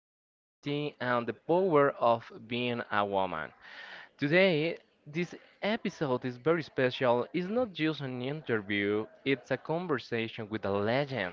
humanity, and the power of being a woman. Today, this episode is very special. It's not just an interview, it's a conversation with a legend.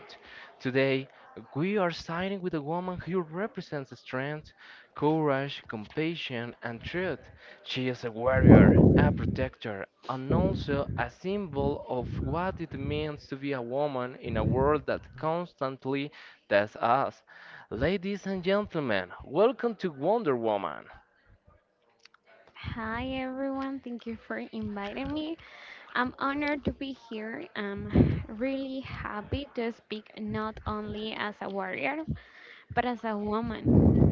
Today, we are siding with a woman who represents strength, courage, compassion, and truth. She is a warrior, a protector, and also a symbol of what it means to be a woman in a world that constantly tests us. Ladies and gentlemen, welcome to Wonder Woman. Hi everyone, thank you for inviting me. I'm honored to be here. I'm really happy to speak not only as a warrior, but as a woman.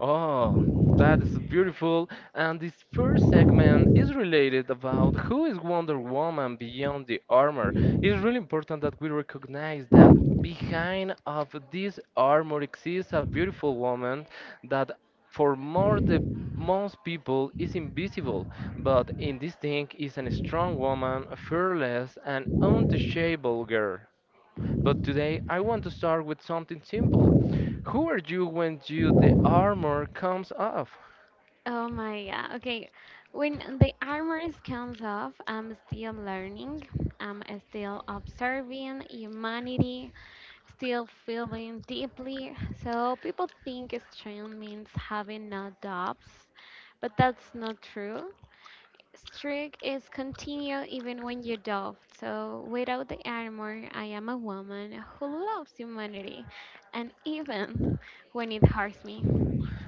Oh, that is beautiful. And this first segment is related about who is Wonder Woman beyond the armor. It's really important that we recognize that behind of this armor exists a beautiful woman that for more the most people is invisible, but in this thing is a strong woman, a fearless and untouchable girl. But today I want to start with something simple. Who are you when you the armor comes off? Oh my god, okay. When the armor comes off, I'm still learning, I'm still observing humanity, still feeling deeply. So people think strength means having no doubts, but that's not true. Strength is continue even when you doubt. So without the armor, I am a woman who loves humanity, and even when it hurts me.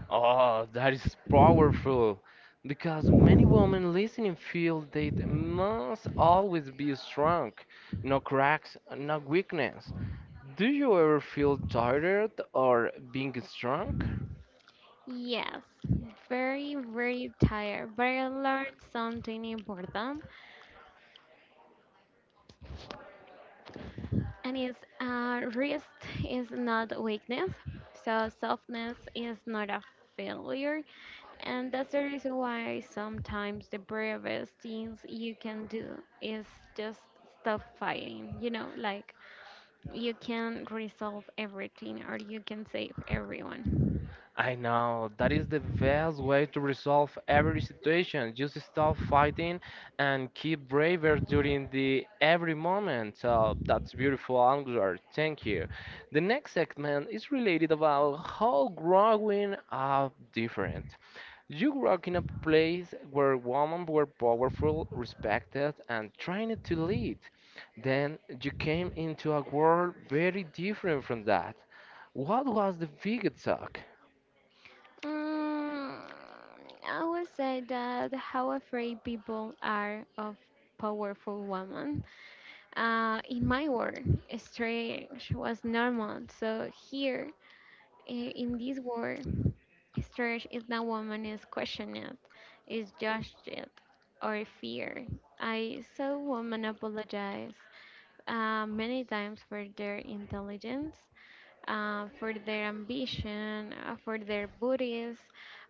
Oh, that is powerful. Because many women listening feel they must always be strong, no cracks, no weakness. Do you ever feel tired or being strong? Yes, very very tired, but I learned something important. And it's rest is not weakness, so softness is not a failure, and that's the reason why sometimes the bravest things you can do is just stop fighting. You know, like you can resolve everything or you can save everyone. I know that is the best way to resolve every situation. Just stop fighting and keep braver during the every moment. So that's beautiful, Angler. Thank you. The next segment is related about how growing up different. You grew up in a place where women were powerful, respected, and trained to lead. Then you came into a world very different from that. What was the biggest shock? Mm, I would say that how afraid people are of powerful women. In my world, strange was normal. So here, i- in this world, strange is that woman is questioned, is judged, or feared. I saw women apologize many times for their intelligence, for their ambition, for their bodies,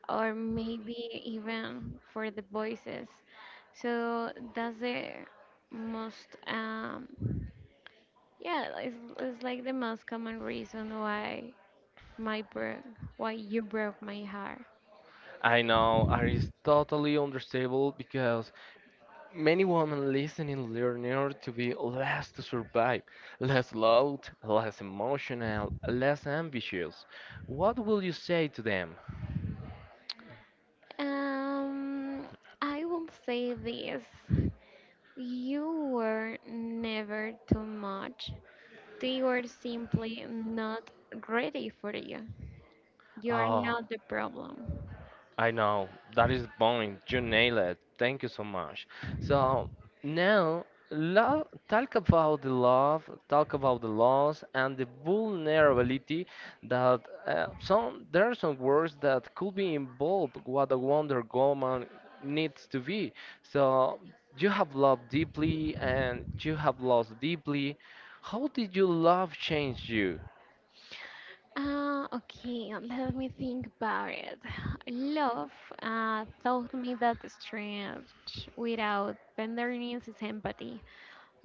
or maybe even for the voices. So that's the most. Yeah, it's like the most common reason why my broke, why you broke my heart. I know, and it's totally understandable because many women listening learner to be less to survive, less loud, less emotional, less ambitious. What will you say to them? Um, I will say this. You were never too much. They were simply not ready for you. You are Oh, not the problem. I know. That is the point. You nail it. Thank you so much. So now lo talk about the love, talk about the loss and the vulnerability that some there are some words that could be involved what a Wonder Woman needs to be. So you have loved deeply and you have lost deeply. How did your love change you? Okay, let me think about it. Love taught me that strength without tenderness is empathy.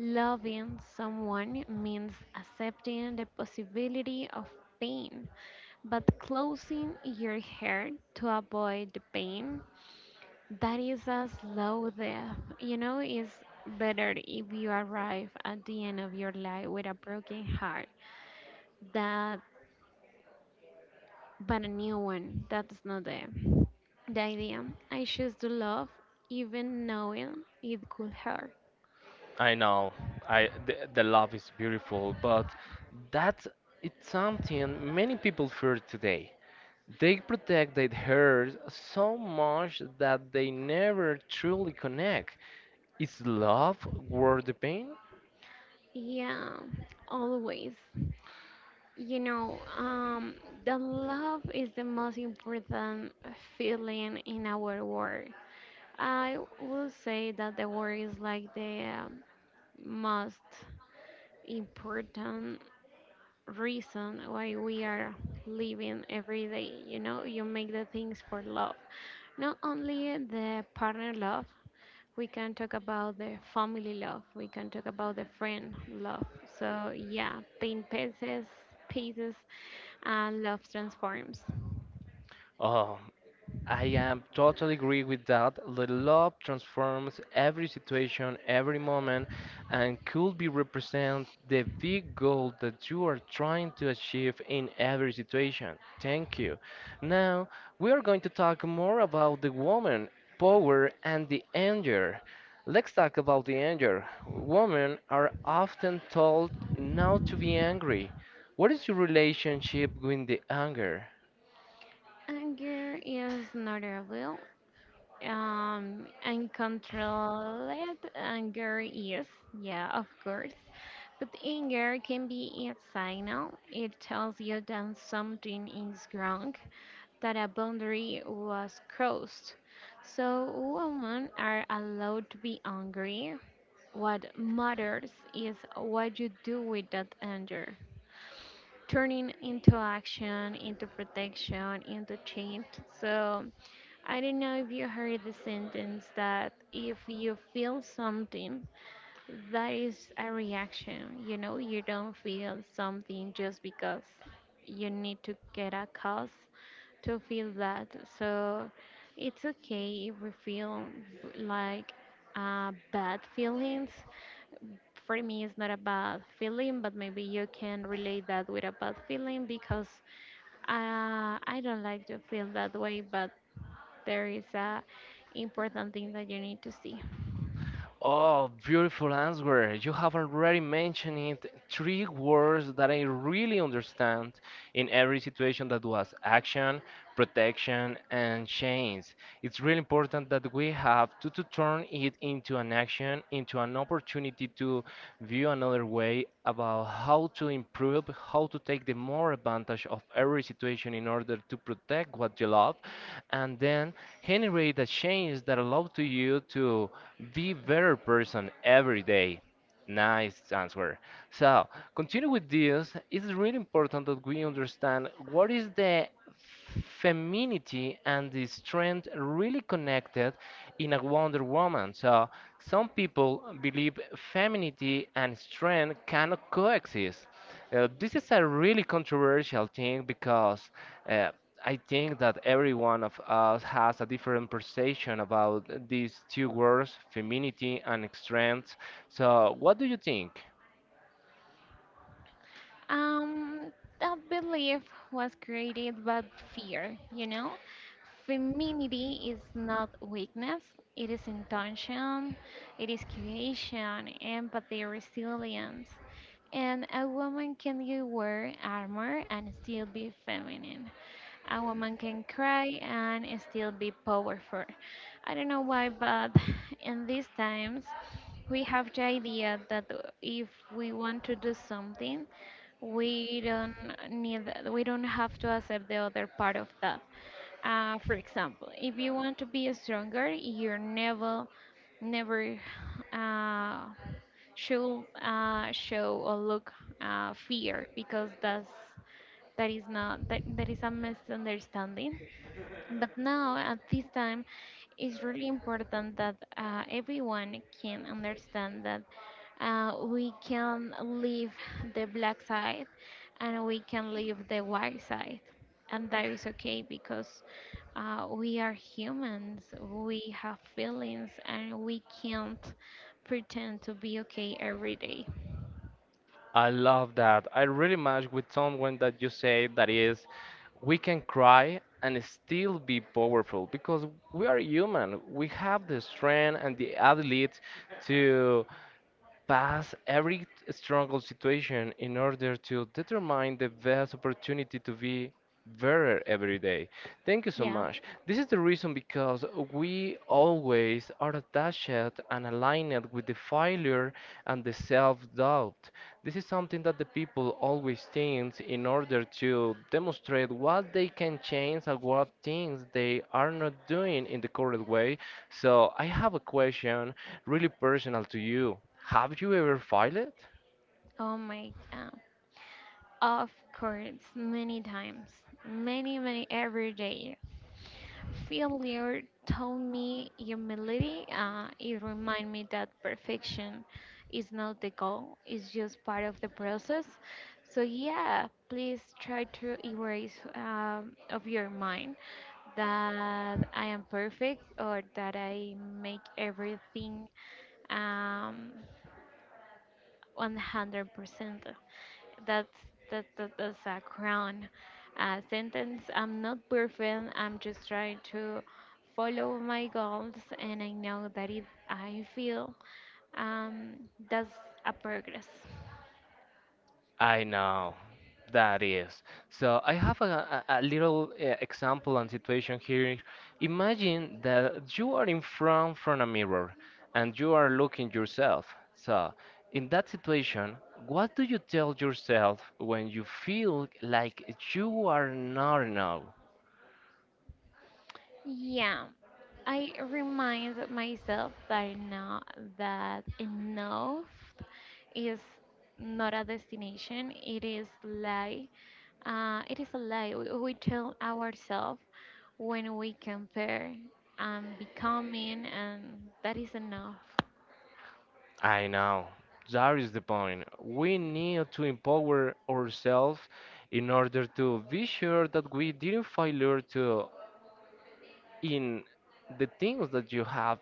Loving someone means accepting the possibility of pain, but closing your heart to avoid the pain, that is a slow death. You know, it's better if you arrive at the end of your life with a broken heart that but a new one. That's not the idea. I choose to love even knowing it could hurt. I know. I the love is beautiful, but that it's something many people fear today. They protect their hair so much that they never truly connect. Is love worth the pain? Yeah, always. You know, the love is the most important feeling in our world. I will say that the world is like the most important reason why we are living every day. You know, you make the things for love. Not only the partner love, we can talk about the family love, we can talk about the friend love. So, yeah, paint pieces, pieces and love transforms. Oh, I am totally agree with that. The love transforms every situation, every moment, and could be represent the big goal that you are trying to achieve in every situation. Thank you. Now we are going to talk more about the woman power and the anger. Let's talk about the anger. Women are often told not to be angry. What is your relationship with the anger? Anger is not a will. Uncontrolled anger is, yeah, of course. But anger can be a signal. It tells you that something is wrong, that a boundary was crossed. So women are allowed to be angry. What matters is what you do with that anger. Turning into action, into protection, into change. So I don't know if you heard the sentence that if you feel something, that is a reaction. You know, you don't feel something just because you need to get a cause to feel that. So it's okay if we feel like bad feelings. For me, it's not a bad feeling, but maybe you can relate that with a bad feeling because I don't like to feel that way, but there is a important thing that you need to see. Oh, beautiful answer. You have already mentioned it. Three words that I really understand in every situation that was action, protection, and change. It's really important that we have to turn it into an action, into an opportunity to view another way about how to improve, how to take the more advantage of every situation in order to protect what you love and then generate the change that allow to you to be better person every day. Nice answer. So, continue with this. It's really important that we understand what is the femininity and the strength really connected in a Wonder Woman. So, some people believe femininity and strength cannot coexist. This is a really controversial thing because uh, I think that every one of us has a different perception about these two words, femininity and strength. So, what do you think? Um, that belief was created by fear, you know? Femininity is not weakness, it is intention, it is creation, empathy, resilience. And a woman can wear armor and still be feminine. A woman can cry and still be powerful. I don't know why, but in these times, we have the idea that if we want to do something, we don't need, we don't have to accept the other part of that. For example, if you want to be stronger, you never, never uh, should show or look fear because that is not that, is a misunderstanding. But now, at this time, it's really important that everyone can understand that we can leave the black side and we can leave the white side. And that is okay because we are humans, we have feelings, and we can't pretend to be okay every day. I love that. I really match with someone that you say that is, we can cry and still be powerful because we are human. We have the strength and the ability to. Pass every struggle situation in order to determine the best opportunity to be better every day. Thank you so Yeah. much. This is the reason because we always are attached and aligned with the failure and the self-doubt. This is something that the people always think in order to demonstrate what they can change and what things they are not doing in the correct way. So I have a question really personal to you. Have you ever filed? Oh my God. Of course, many times, many, many every day. Failure taught me humility. It reminded me that perfection is not the goal, it's just part of the process. So, yeah, please try to erase of your mind that I am perfect or that I make everything um, 100%. That's that, that that's a crown sentence. I'm not perfect. I'm just trying to follow my goals, and I know that it. I feel um, that's a progress. I know that is. So I have a little example and situation here. Imagine that you are in front from a mirror and you are looking yourself. So in that situation, what do you tell yourself when you feel like you are not enough? Yeah, I remind myself that I know that enough is not a destination. It is lie. It is a lie we tell ourselves when we compare and becoming, and that is enough. I know. That is the point. We need to empower ourselves in order to be sure that we didn't failure to in the things that you have.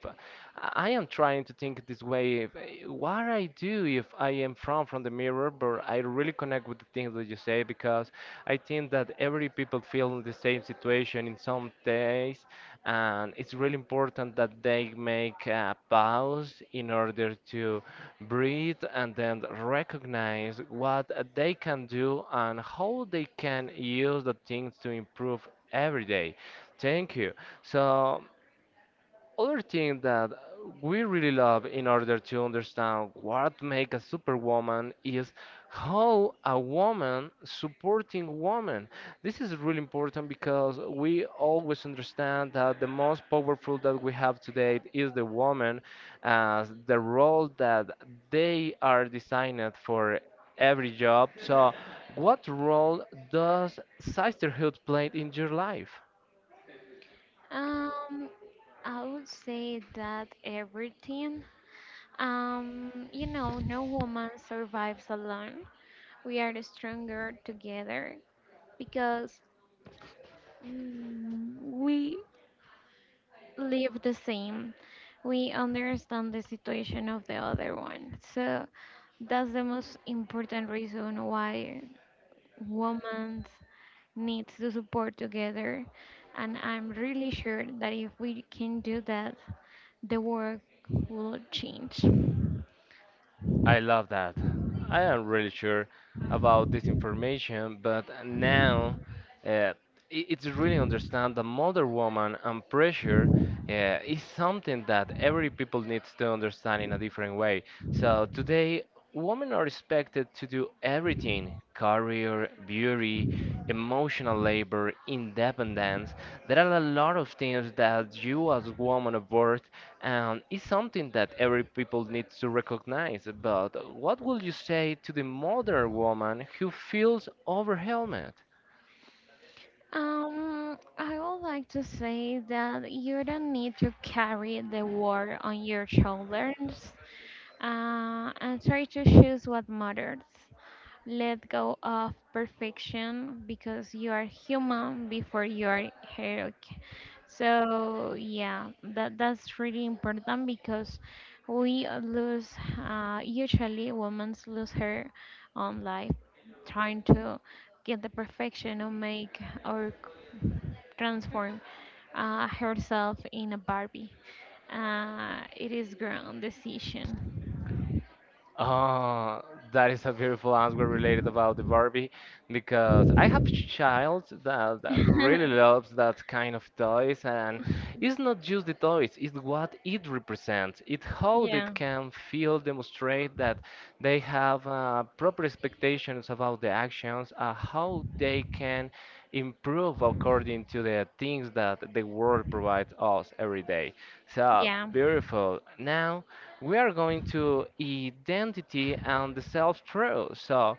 I am trying to think this way. What I do if I am from the mirror, but I really connect with the things that you say because I think that every people feel in the same situation in some days, and it's really important that they make a pause in order to breathe and then recognize what they can do and how they can use the things to improve every day. Thank you. So, other thing that we really love in order to understand what make a superwoman is how a woman supporting woman. This is really important because we always understand that the most powerful that we have today is the woman as the role that they are designed for every job. So, what role does sisterhood play in your life? Um, I would say that everything. You know, no woman survives alone. We are stronger together because we live the same. We understand the situation of the other one. So that's the most important reason why women needs to support together. And I'm really sure that if we can do that, the world will change. I love that. I am really sure about this information, but now uh, it's really understand the modern woman and pressure is something that every people needs to understand in a different way. So today, women are expected to do everything: career, beauty, emotional labor, independence. There are a lot of things that you as woman of worth, and it's something that every people needs to recognize. But what would you say to the modern woman who feels overwhelmed? I would like to say that you don't need to carry the war on your shoulders and try to choose what matters. Let go of perfection because you are human before you are heroic. So yeah, that's really important because we lose usually women lose her own life trying to get the perfection or make or transform herself in a Barbie. It is grown decision. Oh, that is a beautiful answer related about the Barbie because I have child that really loves that kind of toys and it's not just the toys, it's what it represents. It's how they Yeah. can feel, demonstrate that they have proper expectations about the actions, how they can improve according to the things that the world provides us every day. So Yeah. beautiful. Now we are going to identity and the self-truth. So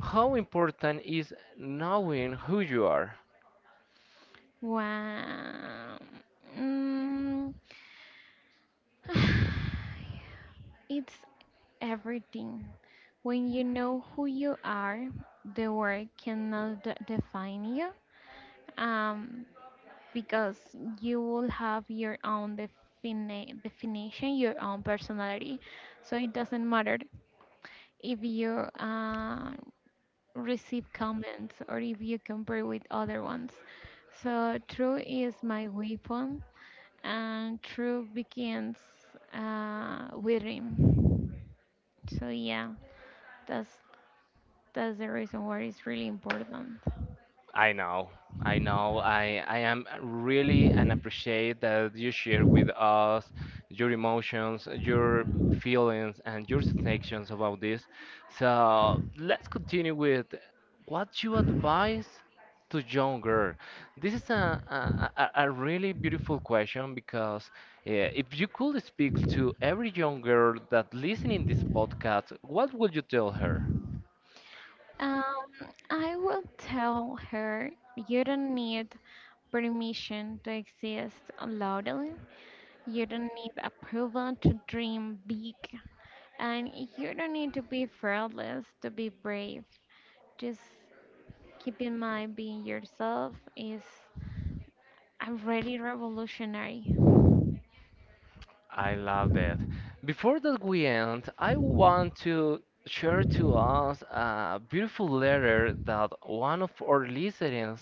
how important is knowing who you are? Wow. Mm. It's everything. When you know who you are, the world cannot define you. Um, because you will have your own definition, your own personality. So it doesn't matter if you uh, receive comments or if you compare with other ones. So true is my weapon, and true begins with him. So yeah, that's that's the reason why it's really important. I know, I know. I am really and appreciate that you share with us your emotions, your feelings, and your sensations about this. So let's continue with what you advise to younger. This is a really beautiful question because if you could speak to every young girl that listening this podcast, what would you tell her? Um, I will tell her you don't need permission to exist loudly. You don't need approval to dream big, and you don't need to be fearless to be brave. Just keep in mind being yourself is already revolutionary. I love that. Before that we end, I want to share to us a beautiful letter that one of our listeners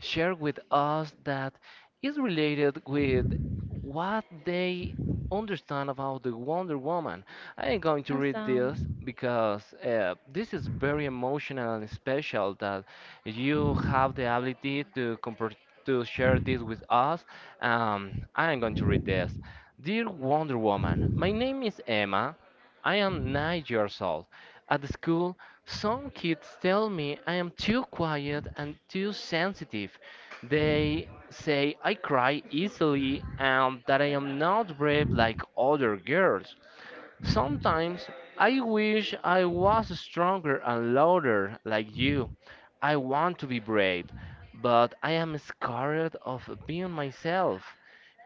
shared with us that is related with what they understand about the Wonder Woman. I am going to read Awesome. this because this is very emotional and special that you have the ability to comprehend to share this with us. I am going to read this. Dear Wonder Woman, my name is Emma. I am 9 years old. At the school, some kids tell me I am too quiet and too sensitive. They say I cry easily and that I am not brave like other girls. Sometimes I wish I was stronger and louder like you. I want to be brave, but I am scared of being myself.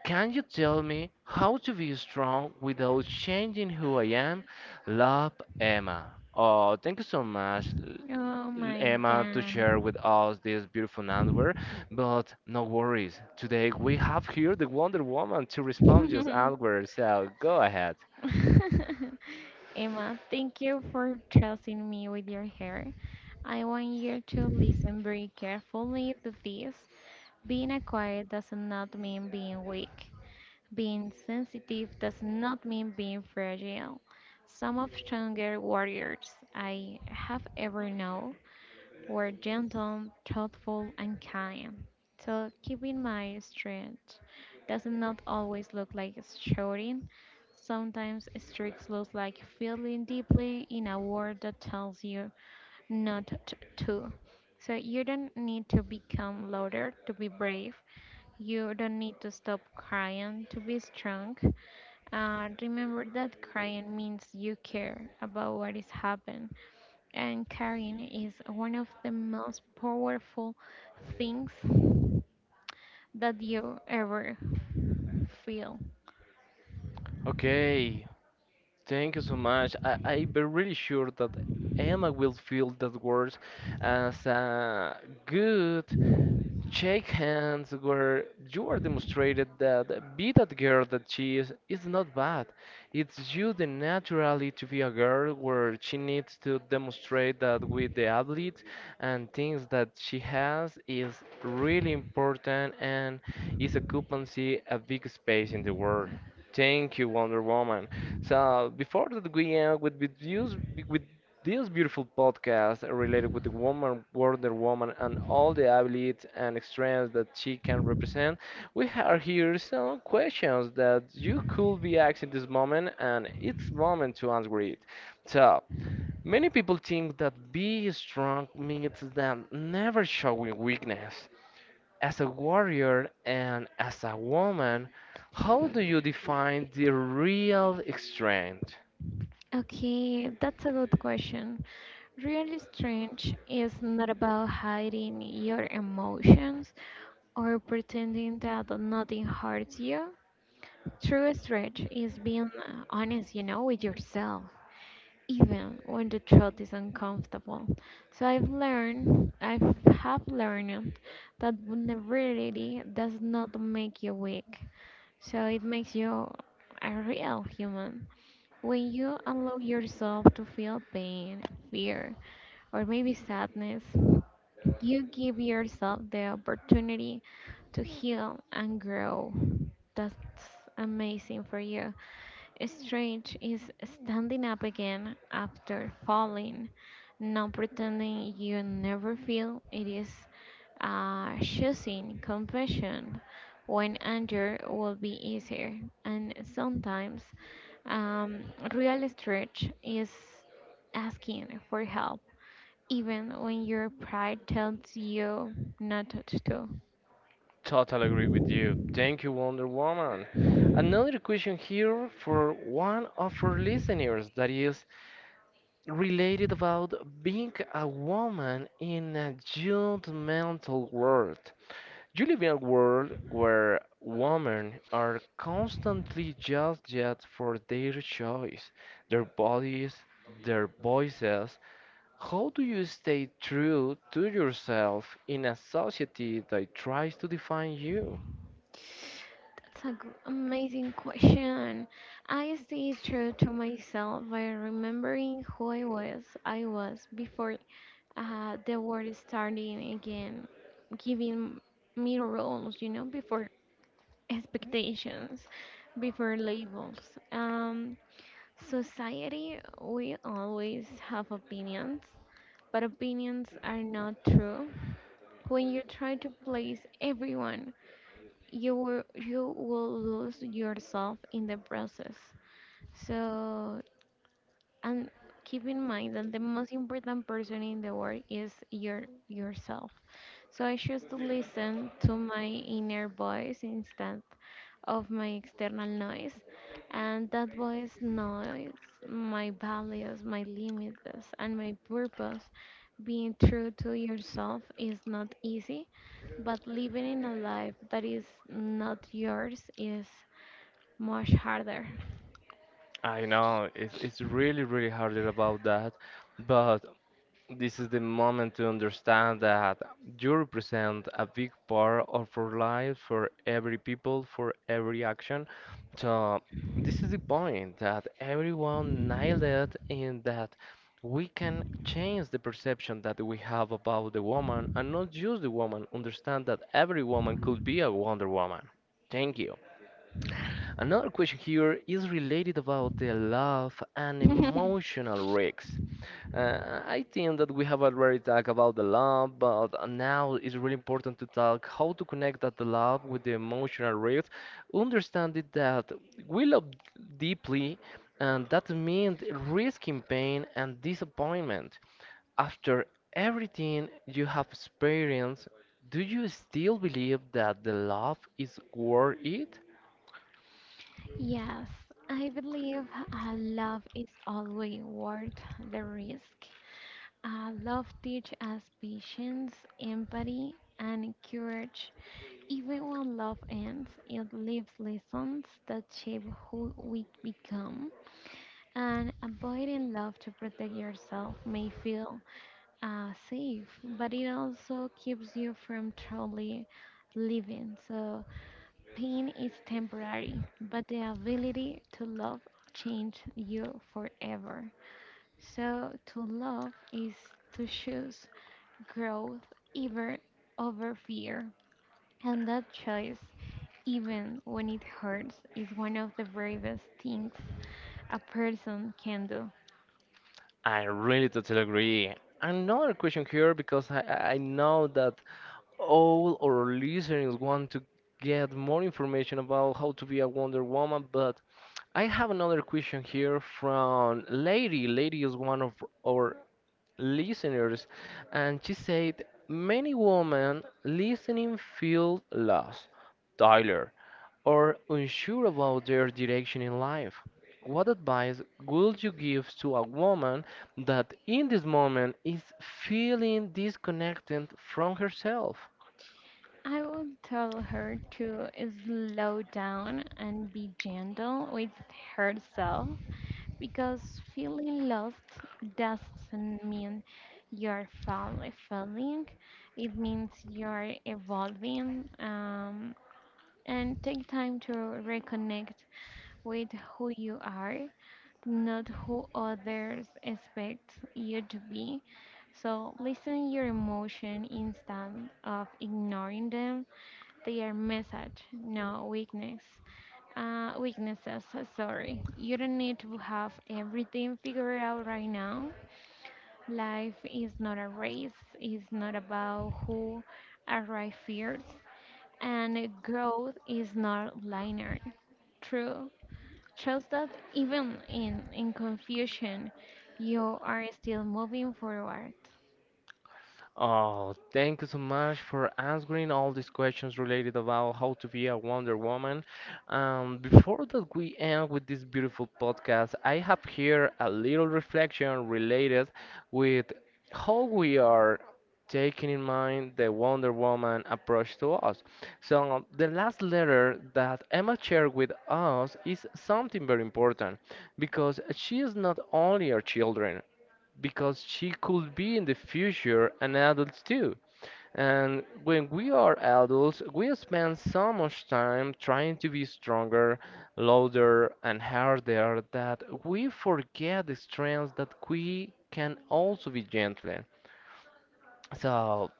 Can you tell me how to be strong without changing who I am? Love, Emma. Oh, thank you so much, Oh my Emma to god. share with us this beautiful answer. But no worries, today we have here the Wonder Woman to respond just answer. So go ahead. Emma, thank you for trusting me with your hair. I want you to listen very carefully to this. Being a quiet does not mean being weak. Being sensitive does not mean being fragile. Some of stronger warriors I have ever known were gentle, thoughtful, and kind. So keeping my strength does not always look like shouting. Sometimes streaks looks like feeling deeply in a word that tells you not to. So you don't need to become louder to be brave. You don't need to stop crying to be strong. Remember that crying means you care about what is happening and caring is one of the most powerful things that you ever feel? Okay, thank you so much. I'm really sure that Emma will feel that words as a good shake hands where you are demonstrated that be that girl that she is not bad. It's you the naturally to be a girl where she needs to demonstrate that with the athletes and things that she has is really important and is occupancy a big space in the world. Thank you, Wonder Woman. So before that we end with views with this beautiful podcast related with the woman, Wonder Woman, and all the abilities and strengths that she can represent. We are here some questions that you could be asking this moment, and it's moment to answer it. So, many people think that being strong means them never showing weakness. As a warrior and as a woman, how do you define the real strength? Okay, that's a good question. Really strange is not about hiding your emotions or pretending that nothing hurts you. True strange is being honest, you know, with yourself, even when the truth is uncomfortable. So I have learned that vulnerability does not make you weak. So it makes you a real human. When you allow yourself to feel pain, fear, or maybe sadness, you give yourself the opportunity to heal and grow. That's amazing for you. Strange is standing up again after falling, not pretending you never feel. It is choosing compassion when anger will be easier. And sometimes, um, real stretch is asking for help, even when your pride tells you not to. Totally agree with you. Thank you, Wonder Woman. Another question here for one of our listeners that is related about being a woman in a judgmental world. You live in a world where women are constantly judged yet for their choice, their bodies, their voices. How do you stay true to yourself in a society that tries to define you? That's a g- amazing question. I stay true to myself by remembering who I was. Before the world starting again, giving me roles, you know, before expectations, before labels. Um, Society, we always have opinions, but opinions are not true. When you try to place everyone you will lose yourself in the process. So and keep in mind that the most important person in the world is yourself. So I choose to listen to my inner voice instead of my external noise, and that voice knows my values, my limits, and my purpose. Being true to yourself is not easy, but living in a life that is not yours is much harder. I know it's really really harder about that, but this is the moment to understand that you represent a big part of our life for every people, for every action. So this is the point that everyone nailed it in that we can change the perception that we have about the woman and not just the woman, understand that every woman could be a Wonder Woman. Thank you. Another question here is related about the love and emotional risks. I think that we have already talked about the love, but now it's really important to talk how to connect that love with the emotional risk. Understanding that we love deeply, and that means risking pain and disappointment. After everything you have experienced, do you still believe that the love is worth it? Yes, I believe love is always worth the risk. Love teaches us patience, empathy, and courage. Even when love ends, it leaves lessons that shape who we become. And avoiding love to protect yourself may feel safe, but it also keeps you from truly living. So pain is temporary, but the ability to love changes you forever. So, to love is to choose growth even over fear. And that choice, even when it hurts, is one of the bravest things a person can do. I really totally agree. Another question here because I know that all our listeners want to get more information about how to be a Wonder Woman, but I have another question here from Lady. Lady is one of our listeners, and she said many women listening feel lost, tired, or unsure about their direction in life. What advice would you give to a woman that in this moment is feeling disconnected from herself? I would tell her to slow down and be gentle with herself. Because feeling lost doesn't mean you're falling, it means you're evolving. And take time to reconnect with who you are, not who others expect you to be. So listen your emotion instead of ignoring them. They are message, not weakness. Weaknesses, sorry. You don't need to have everything figured out right now. Life is not a race, it's not about who arrives first, and growth is not linear. True. Trust that even in confusion, you are still moving forward. Oh, thank you so much for answering all these questions related about how to be a Wonder Woman. Before that we end with this beautiful podcast, I have here a little reflection related with how we are taking in mind the Wonder Woman approach to us. So the last letter that Emma shared with us is something very important because she is not only our children, because she could be in the future an adult too. And when we are adults, we spend so much time trying to be stronger, louder, and harder that we forget the strengths that we can also be gentle. So,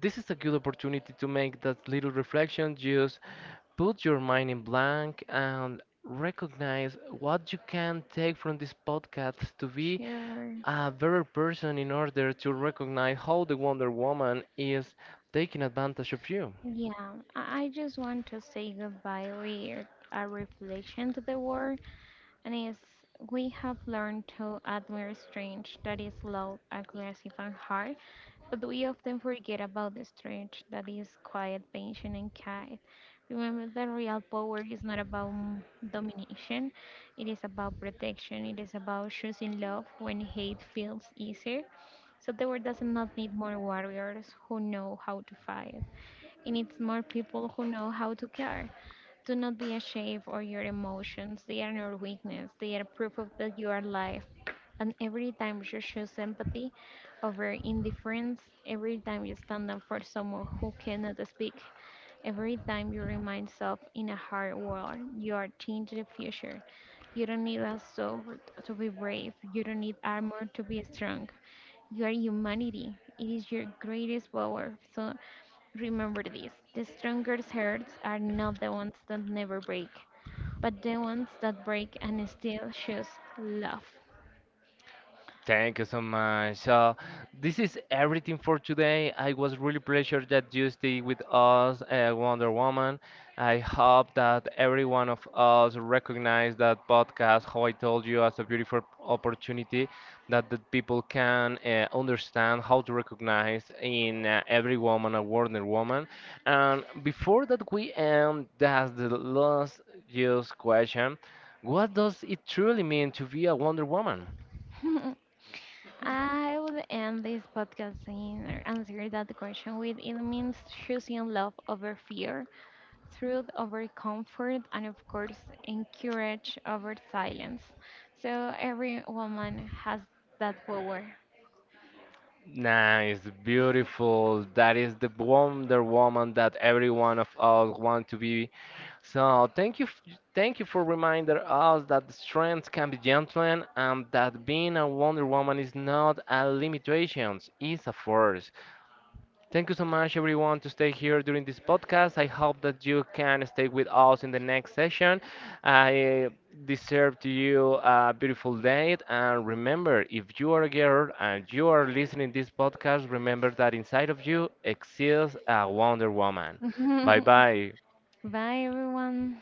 this is a good opportunity to make that little reflection. Just put your mind in blank and recognize what you can take from this podcast to be Sure. a better person in order to recognize how the Wonder Woman is taking advantage of you. Yeah, I just want to say goodbye with a reflection to the war. And is we have learned to admire strength that is loud, aggressive, and hard, but we often forget about the strength that is quiet, patient, and kind. Remember that real power is not about domination, it is about protection, it is about choosing love when hate feels easier. So the world does not need more warriors who know how to fight, it needs more people who know how to care. Do not be ashamed of your emotions. They are your weakness. They are proof of that you are alive. And every time you show empathy over indifference, every time you stand up for someone who cannot speak, every time you remind yourself in a hard world, you are changing the future. You don't need a sword to be brave. You don't need armor to be strong. You are humanity. It is your greatest power. So remember this the strongest hearts are not the ones that never break, but the ones that break and still choose love. Thank you so much. So this is everything for today. I was really pleasure that you stay with us, Wonder Woman. I hope that every one of us recognize that podcast, how I told you, as a beautiful opportunity that the people can understand how to recognize in every woman a Wonder Woman. And before that we end, that's the last just question. What does it truly mean to be a Wonder Woman? I would end this podcast and answer that question with it means choosing love over fear, truth over comfort, and of course, encourage over silence. So every woman has that power. Nice, beautiful. That is the Wonder Woman that every one of us want to be. So thank you, thank you for reminding us that the strength can be gentle and that being a Wonder Woman is not a limitation, it's a force. Thank you so much, everyone, to stay here during this podcast. I hope that you can stay with us in the next session. I deserve to you a beautiful day. And remember, if you are a girl and you are listening this podcast, remember that inside of you exists a Wonder Woman. Bye bye. Bye, everyone.